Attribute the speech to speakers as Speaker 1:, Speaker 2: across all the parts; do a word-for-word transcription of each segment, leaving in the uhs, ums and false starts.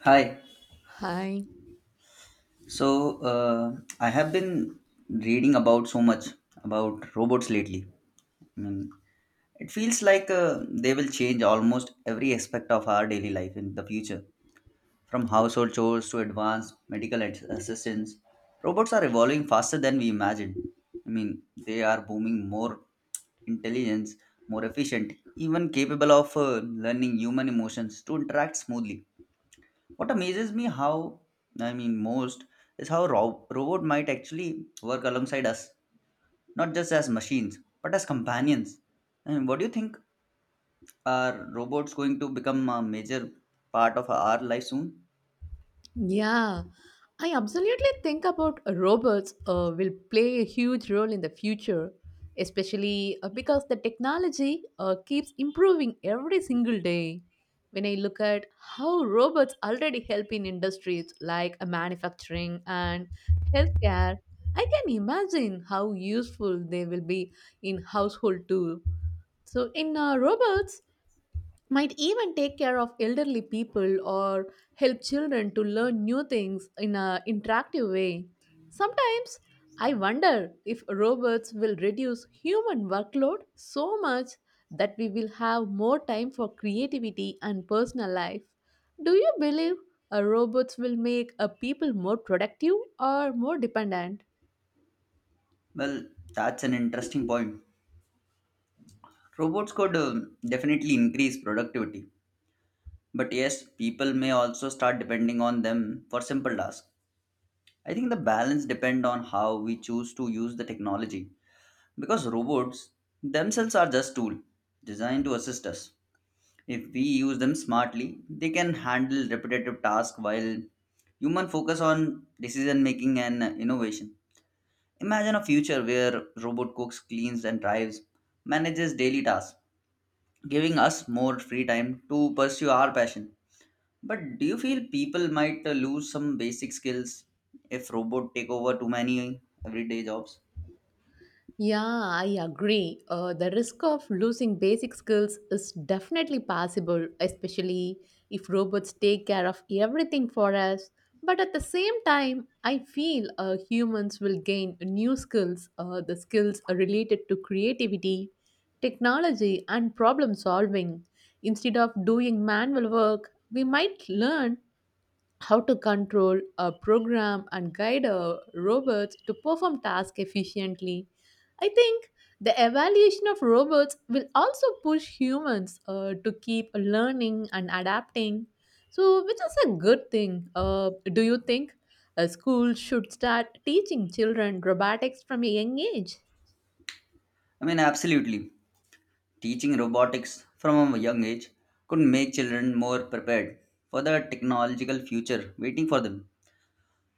Speaker 1: Hi.
Speaker 2: Hi.
Speaker 1: So, uh, I have been reading about so much about robots lately. I mean, it feels like uh, they will change almost every aspect of our daily life in the future. From household chores to advanced medical ad- assistance, robots are evolving faster than we imagined. I mean, they are booming more intelligence, more efficient, even capable of uh, learning human emotions to interact smoothly. What amazes me how I mean most is how ro- robot might actually work alongside us, not just as machines, but as companions. I mean, what do you think? Are robots going to become a major part of our life soon?
Speaker 2: Yeah, I absolutely think about robots uh, will play a huge role in the future, especially uh, because the technology uh, keeps improving every single day. When I look at how robots already help in industries like uh, manufacturing and healthcare, I can imagine how useful they will be in household too. So in uh, robots might even take care of elderly people or help children to learn new things in an interactive way. Sometimes I wonder if robots will reduce human workload so much that we will have more time for creativity and personal life. Do you believe uh, robots will make uh, people more productive or more dependent?
Speaker 1: Well, that's an interesting point. Robots could um, definitely increase productivity, but yes, people may also start depending on them for simple tasks. I think the balance depend on how we choose to use the technology. Because robots themselves are just tools designed to assist us. If we use them smartly, they can handle repetitive tasks while human focus on decision making and innovation. Imagine a future where robot cooks, cleans and drives, manages daily tasks, giving us more free time to pursue our passion. But do you feel people might uh, lose some basic skills if robot take over too many everyday jobs?
Speaker 2: Yeah, I agree. Uh, the risk of losing basic skills is definitely possible, especially if robots take care of everything for us. But at the same time, I feel uh, humans will gain new skills, uh, the skills related to creativity, technology, and problem solving. Instead of doing manual work, we might learn how to control a program and guide a robots to perform tasks efficiently. I think the evaluation of robots will also push humans uh, to keep learning and adapting, so which is a good thing. Uh, do you think a school should start teaching children robotics from a young age?
Speaker 1: I mean, absolutely. Teaching robotics from a young age could make children more prepared for the technological future waiting for them.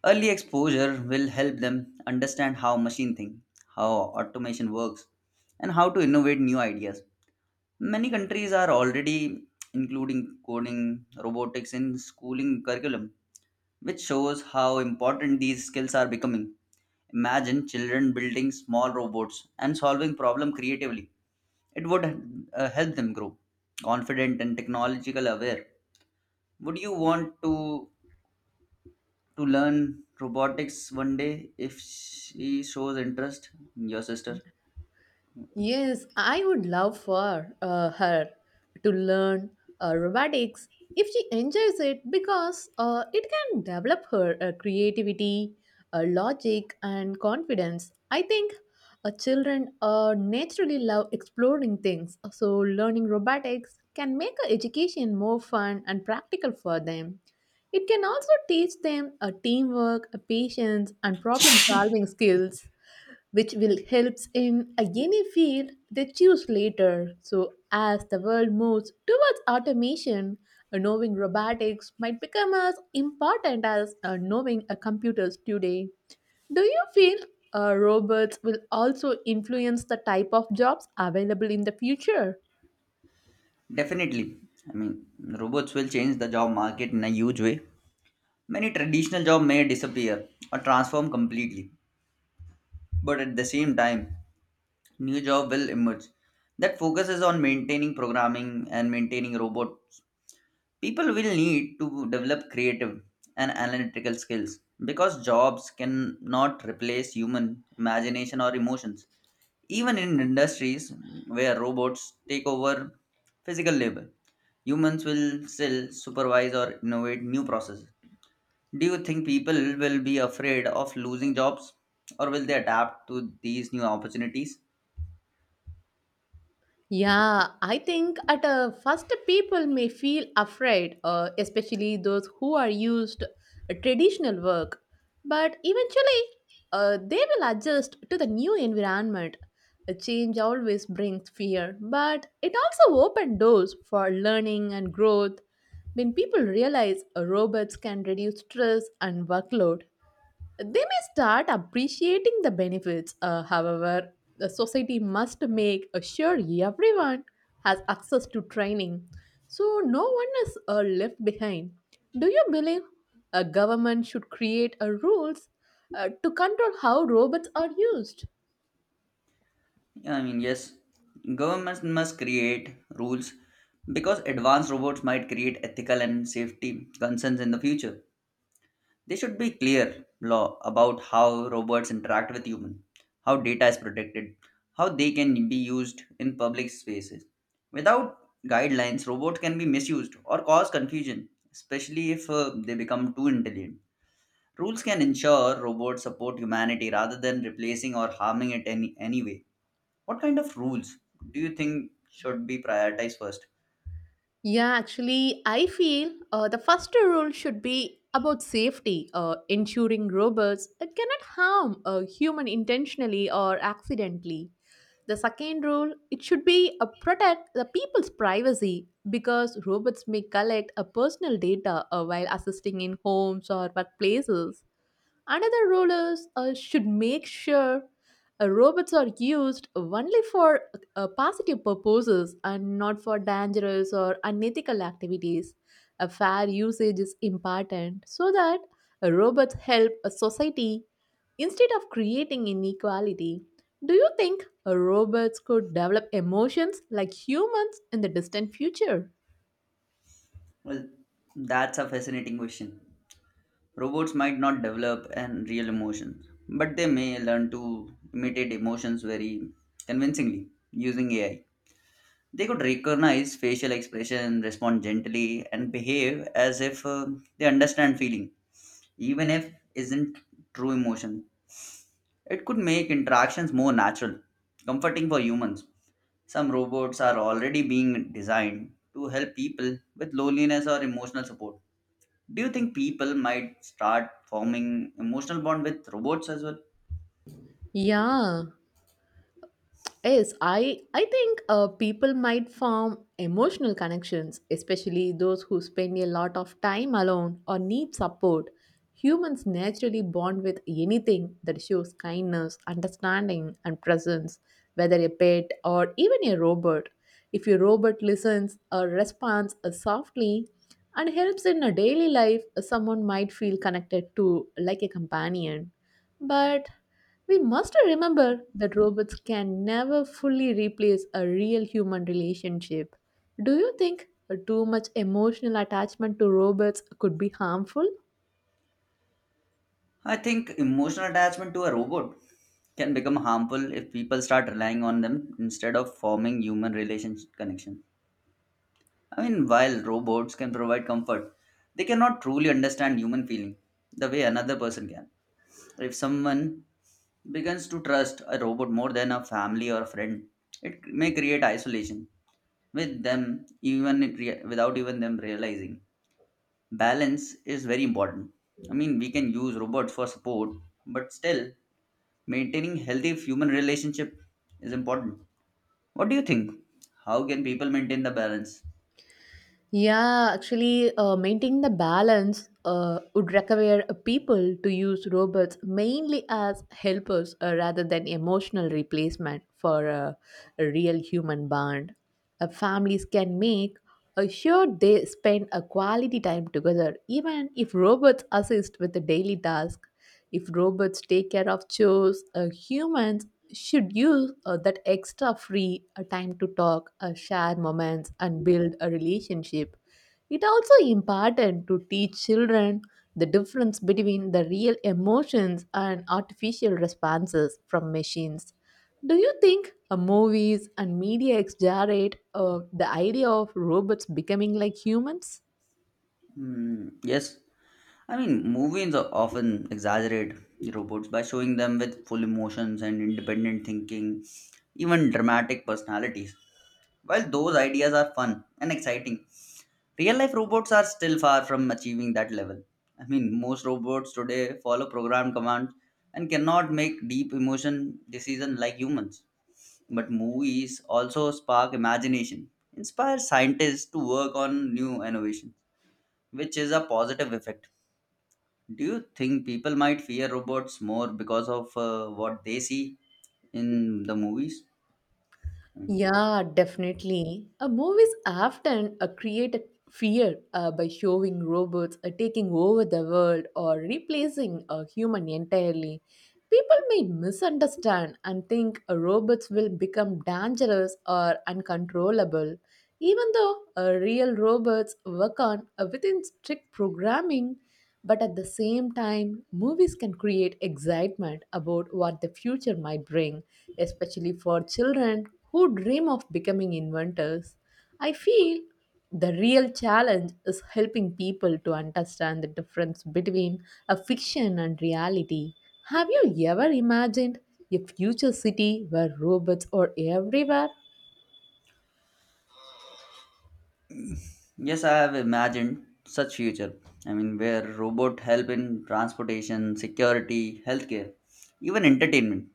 Speaker 1: Early exposure will help them understand how machine think, how automation works, and how to innovate new ideas. Many countries are already including coding robotics in schooling curriculum, which shows how important these skills are becoming. Imagine children building small robots and solving problem creatively. It would uh, help them grow confident and technological aware. Would you want to to learn robotics one day if she shows interest, your sister?
Speaker 2: Yes, I would love for uh, her to learn uh, robotics if she enjoys it because uh, it can develop her uh, creativity, uh, logic, and confidence. I think uh, children uh, naturally love exploring things, so learning robotics can make her education more fun and practical for them. It can also teach them uh, teamwork, patience, and problem solving skills which will helps in a a field they choose later. So as the world moves towards automation, uh, knowing robotics might become as important as uh, knowing uh, computers today. Do you feel uh, robots will also influence the type of jobs available in the future?
Speaker 1: Definitely. I mean, robots will change the job market in a huge way. Many traditional jobs may disappear or transform completely, but at the same time, new job will emerge that focuses on maintaining programming and maintaining robots. People will need to develop creative and analytical skills because jobs cannot replace human imagination or emotions. Even in industries where robots take over physical labor, humans will still supervise or innovate new processes. Do you think people will be afraid of losing jobs, or will they adapt to these new opportunities?
Speaker 2: Yeah, I think at a first people may feel afraid, uh, especially those who are used to traditional work. But eventually, uh, they will adjust to the new environment. A change always brings fear, but it also opens doors for learning and growth. When people realize uh, robots can reduce stress and workload, they may start appreciating the benefits. Uh, however, the society must make sure everyone has access to training so no one is uh, left behind. Do you believe a government should create a rules uh, to control how robots are used?
Speaker 1: I mean, yes, governments must create rules because advanced robots might create ethical and safety concerns in the future. There should be clear law about how robots interact with humans, how data is protected, how they can be used in public spaces. Without guidelines, robots can be misused or cause confusion, especially if uh, they become too intelligent. Rules can ensure robots support humanity rather than replacing or harming it any anyway. What kind of rules do you think should be prioritized first?
Speaker 2: Yeah, actually, I feel uh, the first rule should be about safety, uh, ensuring robots uh, cannot harm a human intentionally or accidentally. The second rule, it should be uh, protect the people's privacy because robots may collect uh, personal data uh, while assisting in homes or workplaces. Another rule is uh, should make sure uh, robots are used only for uh, positive purposes and not for dangerous or unethical activities. A fair usage is important so that uh, robots help a society instead of creating inequality. Do you think uh, robots could develop emotions like humans in the distant future?
Speaker 1: Well, that's a fascinating question. Robots might not develop an real emotion, but they may learn to imitate emotions very convincingly using A I. They could recognize facial expression, respond gently, and behave as if uh, they understand feeling, even if isn't true emotion. It could make interactions more natural, comforting for humans. Some robots are already being designed to help people with loneliness or emotional support. Do you think people might start forming emotional bond with robots as well?
Speaker 2: Yeah, yes, I I think uh, people might form emotional connections, especially those who spend a lot of time alone or need support. Humans naturally bond with anything that shows kindness, understanding, and presence, whether a pet or even a robot. If a robot listens or responds uh, softly and helps in a daily life, someone might feel connected to like a companion. But we must remember that robots can never fully replace a real human relationship. Do you think too much emotional attachment to robots could be harmful?
Speaker 1: I think emotional attachment to a robot can become harmful if people start relying on them instead of forming human relationship connection. I mean, while robots can provide comfort, they cannot truly understand human feeling the way another person can. If someone begins to trust a robot more than a family or a friend, it may create isolation with them even it rea- without even them realizing. Balance is very important. I mean, we can use robots for support, but still maintaining healthy human relationship is important. What do you think? How can people maintain the balance?
Speaker 2: Yeah, actually, uh, maintaining the balance uh, would require people to use robots mainly as helpers uh, rather than emotional replacement for a, a real human bond. Uh, families can make uh, sure they spend a quality time together, even if robots assist with the daily task. If robots take care of chores, uh, humans should use uh, that extra free uh, time to talk, uh, share moments, and build a relationship. It also important to teach children the difference between the real emotions and artificial responses from machines. Do you think uh, movies and media exaggerate uh, the idea of robots becoming like humans?
Speaker 1: Hmm, yes, I mean, movies o- often exaggerate the robots by showing them with full emotions and independent thinking, even dramatic personalities. While those ideas are fun and exciting, real life robots are still far from achieving that level. I mean, most robots today follow program commands and cannot make deep emotion decisions like humans. But movies also spark imagination, inspire scientists to work on new innovation which is a positive effect. Do you think people might fear robots more because of uh, what they see in the movies? Mm.
Speaker 2: Yeah, definitely. Uh, movies often uh, create a fear uh, by showing robots uh, taking over the world or replacing a human entirely. People may misunderstand and think uh, robots will become dangerous or uncontrollable. Even though uh, real robots work on uh, within strict programming, but at the same time, movies can create excitement about what the future might bring, especially for children who dream of becoming inventors. I feel the real challenge is helping people to understand the difference between a fiction and reality. Have you ever imagined a future city where robots are everywhere?
Speaker 1: Yes, I have imagined such future. I mean, where robot help in transportation, security, healthcare, even entertainment.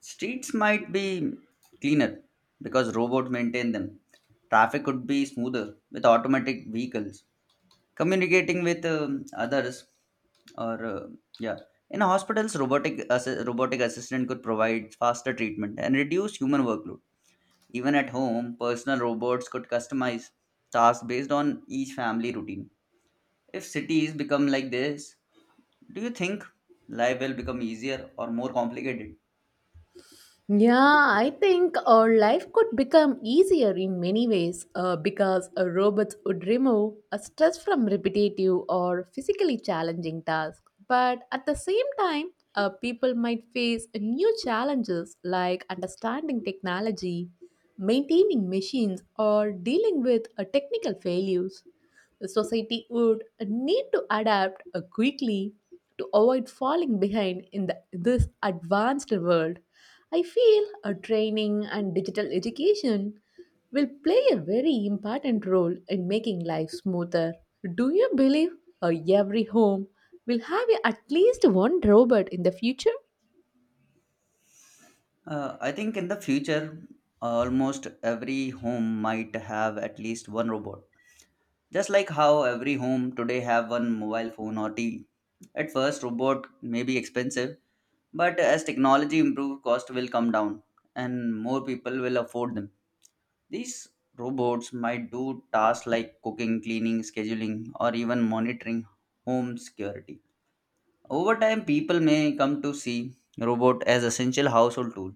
Speaker 1: Streets might be cleaner because robots maintain them. Traffic could be smoother with automatic vehicles. Communicating with um, others or uh, yeah, in hospitals robotic assi- robotic assistant could provide faster treatment and reduce human workload. Even at home, personal robots could customize tasks based on each family routine. If cities become like this, do you think life will become easier or more complicated?
Speaker 2: Yeah, I think our life could become easier in many ways uh, because uh, robots would remove a stress from repetitive or physically challenging tasks. But at the same time, uh, people might face new challenges like understanding technology, maintaining machines, or dealing with uh, technical failures. The society would need to adapt uh, quickly to avoid falling behind in the, this advanced world. I feel a training and digital education will play a very important role in making life smoother. Do you believe uh, every home will have at least one robot in the future?
Speaker 1: Uh, I think in the future almost every home might have at least one robot. Just like how every home today have one mobile phone or T V. At first, robot may be expensive, but as technology improve, cost will come down and more people will afford them. These robots might do tasks like cooking, cleaning, scheduling, or even monitoring home security. Over time, people may come to see robot as essential household tool.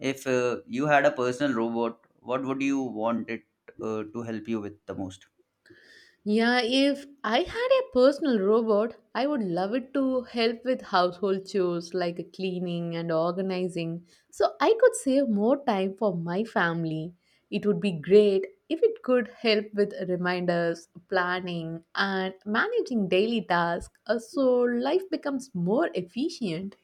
Speaker 1: If uh, you had a personal robot, what would you want it uh, to help you with the most?
Speaker 2: Yeah, if I had a personal robot, I would love it to help with household chores like cleaning and organizing, so I could save more time for my family. It would be great if it could help with reminders, planning, and managing daily tasks, uh, so life becomes more efficient.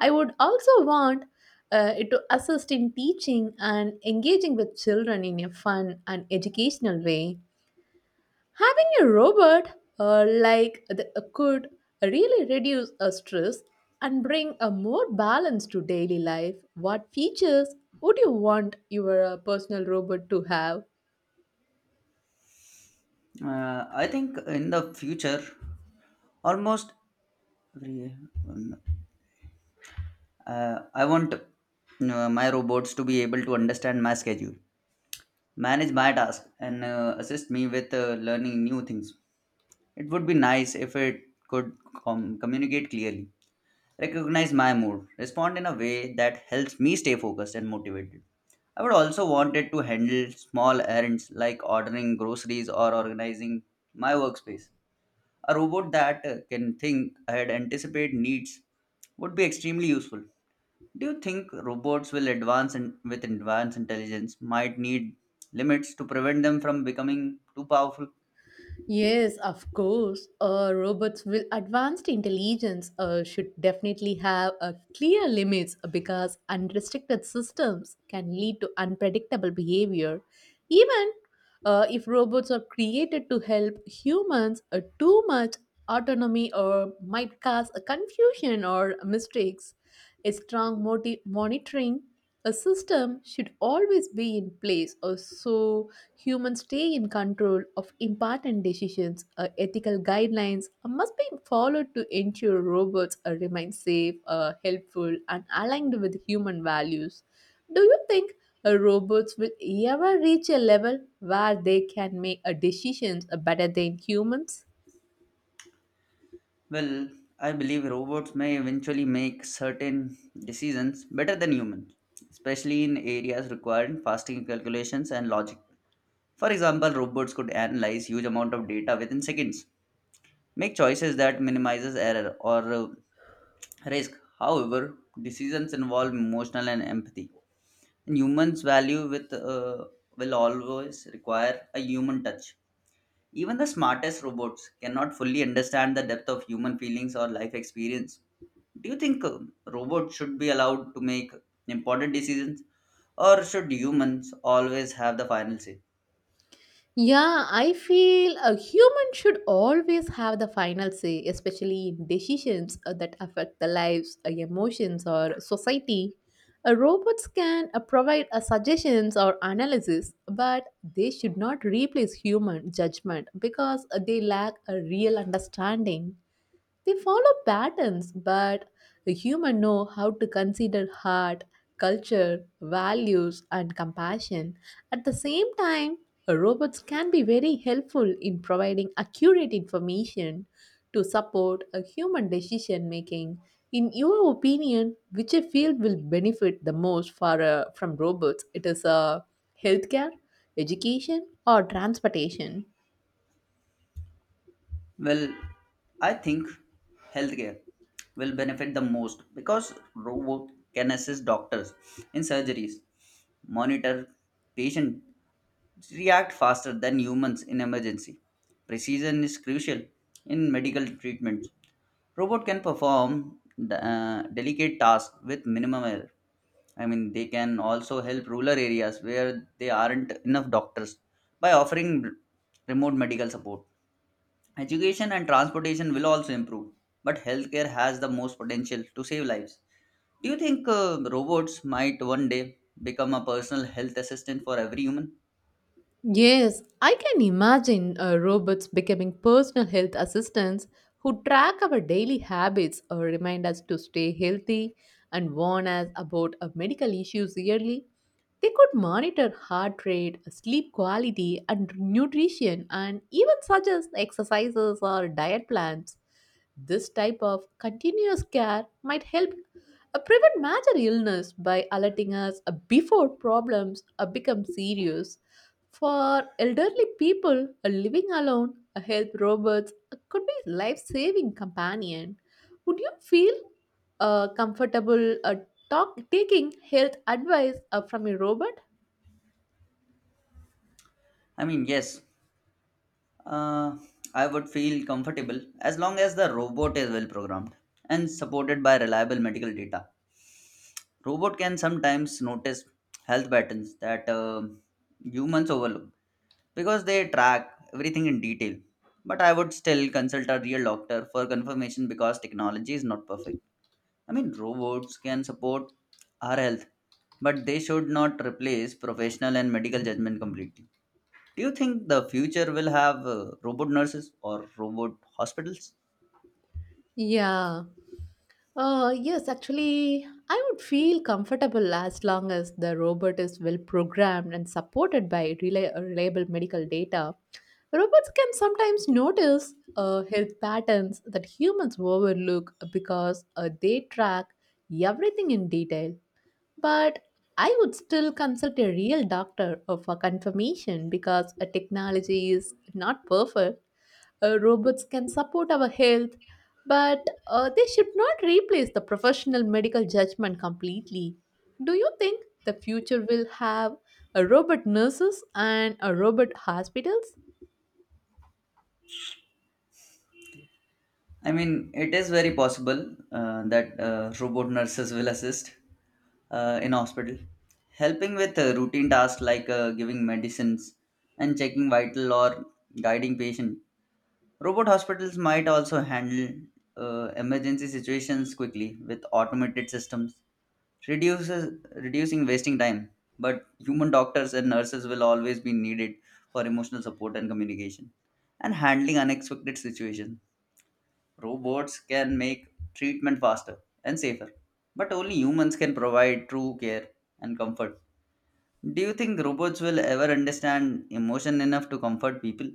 Speaker 2: I would also want uh, it to assist in teaching and engaging with children in a fun and educational way. Having a robot uh, like uh, the, uh, could really reduce uh, stress and bring a more balance to daily life. What features would you want your uh, personal robot to have?
Speaker 1: Uh, I think in the future, almost every, um, uh, I want uh, my robots to be able to understand my schedule, manage my task, and uh, assist me with uh, learning new things. It would be nice if it could com- communicate clearly, recognize my mood, respond in a way that helps me stay focused and motivated. I would also want it to handle small errands like ordering groceries or organizing my workspace. A robot that uh, can think ahead, anticipate needs would be extremely useful. Do you think robots will advance in, with advanced intelligence might need limits to prevent them from becoming too powerful?
Speaker 2: Yes, of course. Uh, robots with advanced intelligence uh, should definitely have a clear limits because unrestricted systems can lead to unpredictable behavior. Even uh, if robots are created to help humans, uh, too much autonomy or might cause a confusion or mistakes. A strong moti- monitoring a system should always be in place or so humans stay in control of important decisions. Uh, ethical guidelines uh, must be followed to ensure robots uh, remain safe, uh, helpful, and aligned with human values. Do you think uh, robots will ever reach a level where they can make uh, decisions uh, better than humans?
Speaker 1: Well, I believe robots may eventually make certain decisions better than humans, especially in areas requiring faster calculations and logic. For example, robots could analyze huge amount of data within seconds, make choices that minimizes error or uh, risk. However, decisions involve emotional and empathy, and humans value with uh, will always require a human touch. Even the smartest robots cannot fully understand the depth of human feelings or life experience. Do you think uh, robots should be allowed to make important decisions, or should humans always have the final say?
Speaker 2: Yeah, I feel a human should always have the final say, especially in decisions uh, that affect the lives, uh, emotions, or society. Uh, robots can uh, provide uh, suggestions or analysis, but they should not replace human judgment because uh, they lack a real understanding. They follow patterns, but the human know how to consider heart, culture, values, and compassion. At the same time, robots can be very helpful in providing accurate information to support a human decision making. In your opinion, which field will benefit the most for, uh, from robots? It is uh, healthcare, education, or transportation?
Speaker 1: Well, I think healthcare will benefit the most because robot can assist doctors in surgeries, monitor patient, react faster than humans in emergency. Precision is crucial in medical treatments. Robot can perform the, uh, delicate tasks with minimum error. I mean, they can also help rural areas where there aren't enough doctors by offering remote medical support. Education and transportation will also improve, but healthcare has the most potential to save lives. Do you think uh, robots might one day become a personal health assistant for every human?
Speaker 2: Yes, I can imagine uh, robots becoming personal health assistants who track our daily habits or remind us to stay healthy and warn us about uh, medical issues yearly. They could monitor heart rate, sleep quality, and nutrition, and even suggest exercises or diet plans. This type of continuous care might help uh, prevent major illness by alerting us uh, before problems uh, become serious. For elderly people uh, living alone, a health robots uh, could be a life-saving companion. Would you feel uh, comfortable uh, talk, taking health advice uh, from a robot?
Speaker 1: I mean, yes, uh, I would feel comfortable as long as the robot is well programmed and supported by reliable medical data. Robot can sometimes notice health patterns that uh, humans overlook because they track everything in detail. But I would still consult a real doctor for confirmation because technology is not perfect. I mean, robots can support our health, but they should not replace professional and medical judgment completely. Do you think the future will have uh, robot nurses or robot hospitals?
Speaker 2: Yeah. Uh, yes, actually, I would feel comfortable as long as the robot is well programmed and supported by rela- reliable medical data. Robots can sometimes notice uh, health patterns that humans overlook because uh, they track everything in detail. But I would still consult a real doctor uh, for confirmation because a technology is not perfect. Uh, robots can support our health, but uh, they should not replace the professional medical judgment completely. Do you think the future will have a robot nurses and a robot hospitals?
Speaker 1: I mean, it is very possible uh, that uh, robot nurses will assist uh, in hospital, helping with uh, routine tasks like uh, giving medicines and checking vital or guiding patient. Robot hospitals might also handle uh, emergency situations quickly with automated systems, reduces reducing wasting time. But human doctors and nurses will always be needed for emotional support and communication and handling unexpected situations. Robots can make treatment faster and safer, but only humans can provide true care and comfort. Do you think robots will ever understand emotion enough to comfort people?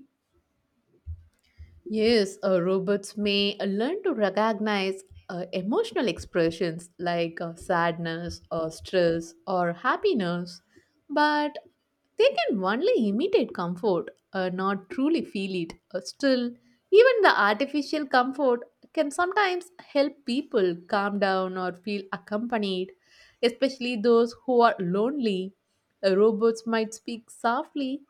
Speaker 2: Yes, uh, robots may uh, learn to recognize uh, emotional expressions like uh, sadness or stress or happiness, but they can only imitate comfort, uh, not truly feel it. Uh, still, even the artificial comfort can sometimes help people calm down or feel accompanied, especially those who are lonely. Uh, robots might speak softly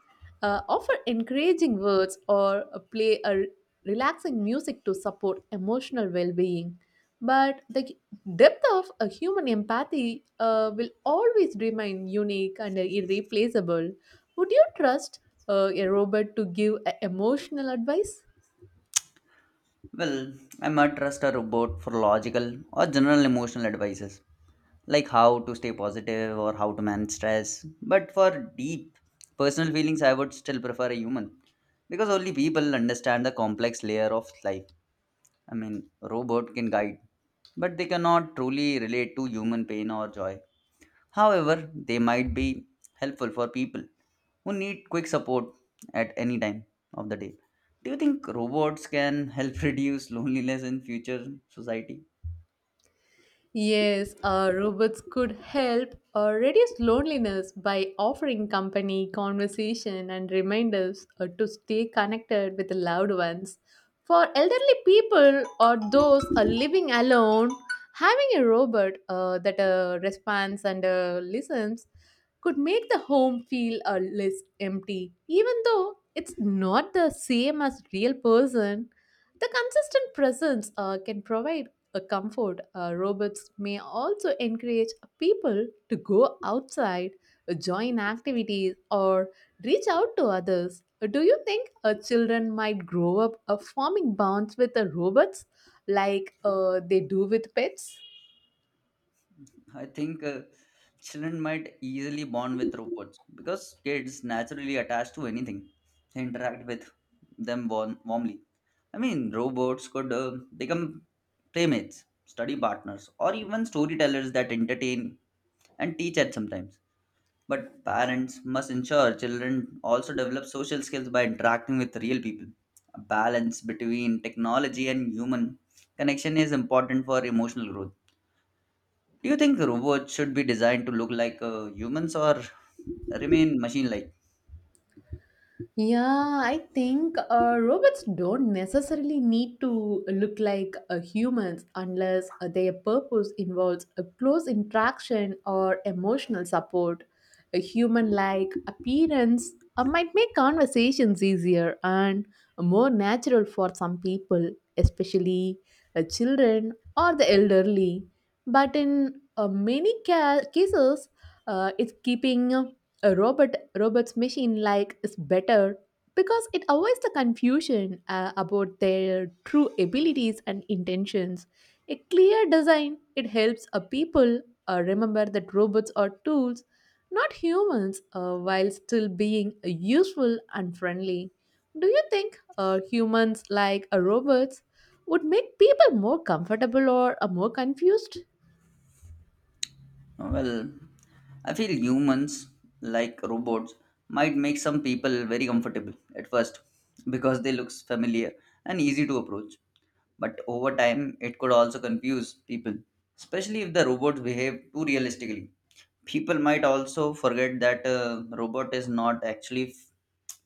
Speaker 2: uh, offer encouraging words or uh, play a relaxing music to support emotional well being. But the depth of a human empathy uh, will always remain unique and irreplaceable. Would you trust uh, a robot to give a emotional advice?
Speaker 1: Well, I might trust a robot for logical or general emotional advices, like how to stay positive or how to manage stress. But for deep personal feelings, I would still prefer a human because only people understand the complex layer of life. I mean, robot can guide but they cannot truly relate to human pain or joy. However, they might be helpful for people who need quick support at any time of the day. Do you think robots can help reduce loneliness in future society?
Speaker 2: Yes, uh, robots could help uh, reduce loneliness by offering company, conversation, and reminders uh, to stay connected with loved ones. For elderly people or those uh, living alone, having a robot uh, that uh, responds and uh, listens could make the home feel uh, less empty. Even though it's not the same as real person, the consistent presence uh, can provide a comfort uh, robots may also encourage people to go outside, uh, join activities, or reach out to others. Uh, Do you think uh, children might grow up uh, forming bonds with the robots like uh, they do with pets?
Speaker 1: I think uh, children might easily bond with robots because kids naturally attach to anything they interact with them warm- warmly. I mean, robots could uh, become playmates, study partners, or even storytellers that entertain and teach at sometimes. But parents must ensure children also develop social skills by interacting with real people. A balance between technology and human connection is important for emotional growth. Do you think robots should be designed to look like uh, humans or remain machine like?
Speaker 2: Yeah, I think uh, robots don't necessarily need to look like uh, humans unless uh, their purpose involves a close interaction or emotional support. A human like appearance uh, might make conversations easier and more natural for some people, especially uh, children or the elderly. But in uh, many ca- cases, uh, it's keeping a robot robot's machine like is better because it avoids the confusion uh, about their true abilities and intentions a clear design it helps a people uh, remember that robots are tools not humans uh, while still being uh, useful and friendly. Do you think uh, humans like uh, robots would make people more comfortable or uh, more confused?
Speaker 1: Oh, well, I feel humans, like robots, might make some people very comfortable at first because they look familiar and easy to approach. But over time, it could also confuse people, especially if the robots behave too realistically. People might also forget that a robot is not actually f-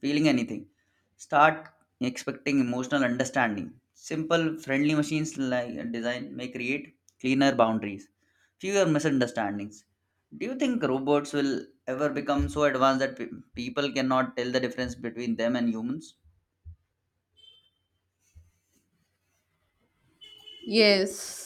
Speaker 1: feeling anything. Start expecting emotional understanding. Simple, friendly machines like design may create cleaner boundaries fewer misunderstandings. Do you think robots will ever become so advanced that pe- people cannot tell the difference between them and humans?
Speaker 2: Yes.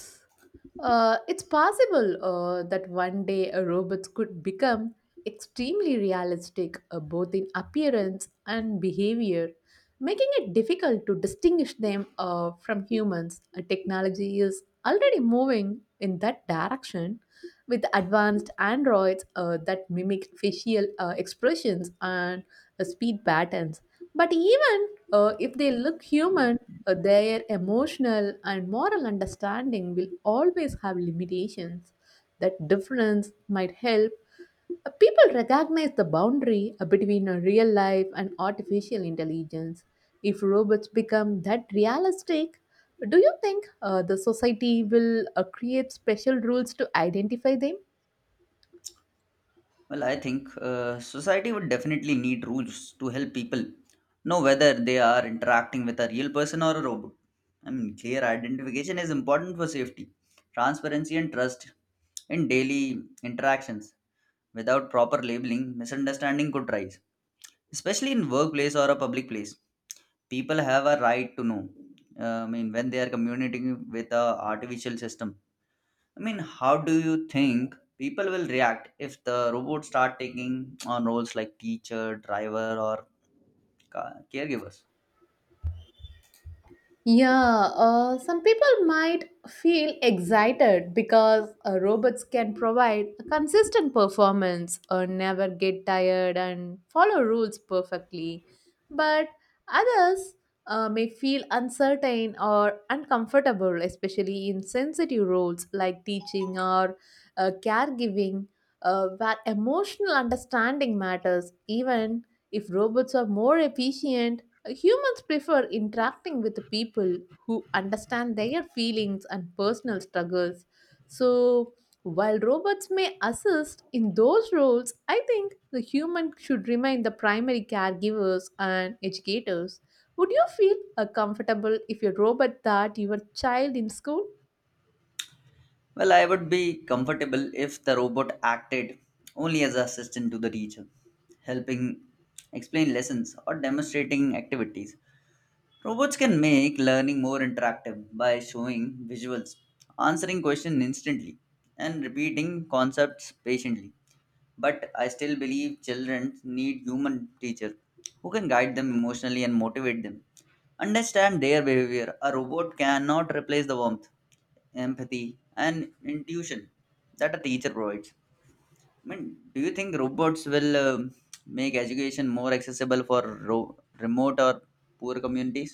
Speaker 2: Uh, it's possible uh, that one day a robots could become extremely realistic uh, both in appearance and behavior, making it difficult to distinguish them uh, from humans. Uh, technology is already moving in that direction with advanced androids uh, that mimic facial uh, expressions and uh, speed patterns. But even uh, if they look human, uh, their emotional and moral understanding will always have limitations. That difference might help uh, people recognize the boundary uh, between a real life and artificial intelligence. If robots become that realistic, do you think uh, the society will uh, create special rules to identify them?
Speaker 1: Well, I think uh, society would definitely need rules to help people know whether they are interacting with a real person or a robot. I mean, clear identification is important for safety, transparency, and trust in daily interactions. Without proper labeling, misunderstanding could rise, especially in workplace or a public place. People have a right to know, uh, I mean, when they are communicating with a artificial system. I mean, how do you think people will react if the robots start taking on roles like teacher, driver, or ca- caregivers?
Speaker 2: Yeah, uh, some people might feel excited because uh, robots can provide a consistent performance or never get tired and follow rules perfectly. But others uh, may feel uncertain or uncomfortable, especially in sensitive roles like teaching or uh, caregiving, uh, where emotional understanding matters, even if robots are more efficient. Humans prefer interacting with people who understand their feelings and personal struggles. So, while robots may assist in those roles, I think the human should remain the primary caregivers and educators. Would you feel uh, comfortable if your robot taught your child in school?
Speaker 1: Well, I would be comfortable if the robot acted only as an assistant to the teacher, helping explain lessons or demonstrating activities. Robots can make learning more interactive by showing visuals, answering questions instantly, and repeating concepts patiently. But I still believe children need human teachers who can guide them emotionally and motivate them. Understand their behavior. A robot cannot replace the warmth, empathy, and intuition that a teacher provides. I mean, do you think robots will um make education more accessible for ro- remote or poor communities?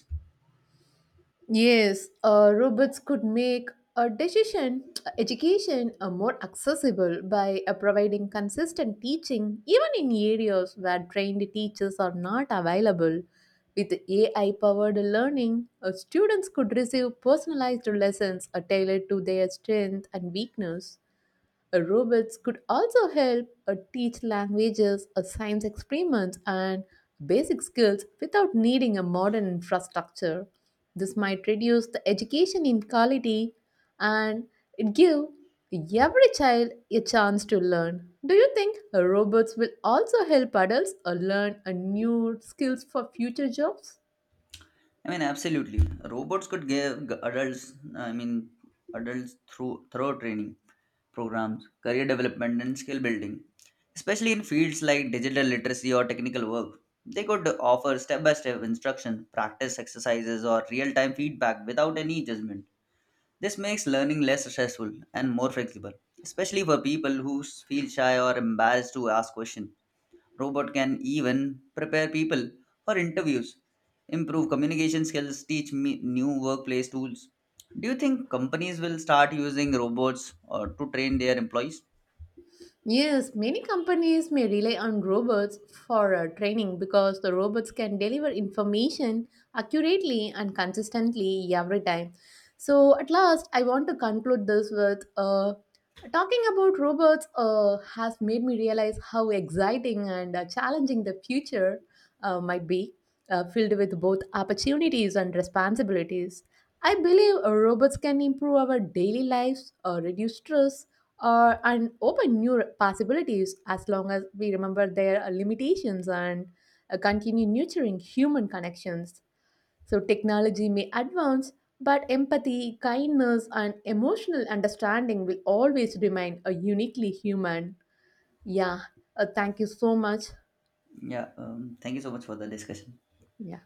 Speaker 2: Yes, uh, robots could make a decision education uh, more accessible by uh, providing consistent teaching, even in areas where trained teachers are not available. With A I powered learning, uh, students could receive personalized lessons uh, tailored to their strength and weakness. Uh, Robots could also help uh, teach languages, uh, science experiments, and basic skills without needing a modern infrastructure. This might reduce the education inequality and it give every child a chance to learn. Do you think uh, robots will also help adults uh, learn uh, new skills for future jobs?
Speaker 1: I mean, absolutely. Robots could give g- adults, I mean, adults through thorough training programs, career development, and skill building, especially in fields like digital literacy or technical work. They could offer step by step instruction, practice exercises, or real time feedback without any judgment. This makes learning less stressful and more flexible, especially for people who s- feel shy or embarrassed to ask questions. Robot can even prepare people for interviews, improve communication skills, teach me new workplace tools. Do you think companies will start using robots or to train their employees?
Speaker 2: Yes, many companies may rely on robots for uh, training because the robots can deliver information accurately and consistently every time. So, at last, I want to conclude this with uh, talking about robots uh, has made me realize how exciting and uh, challenging the future uh, might be, uh, filled with both opportunities and responsibilities. I believe uh, robots can improve our daily lives, uh, reduce stress, uh, and open new possibilities as long as we remember their uh, limitations and uh, continue nurturing human connections. So, technology may advance, but empathy, kindness, and emotional understanding will always remain a uniquely human. Yeah, uh, thank you so much.
Speaker 1: Yeah, um, thank you so much for the discussion.
Speaker 2: Yeah.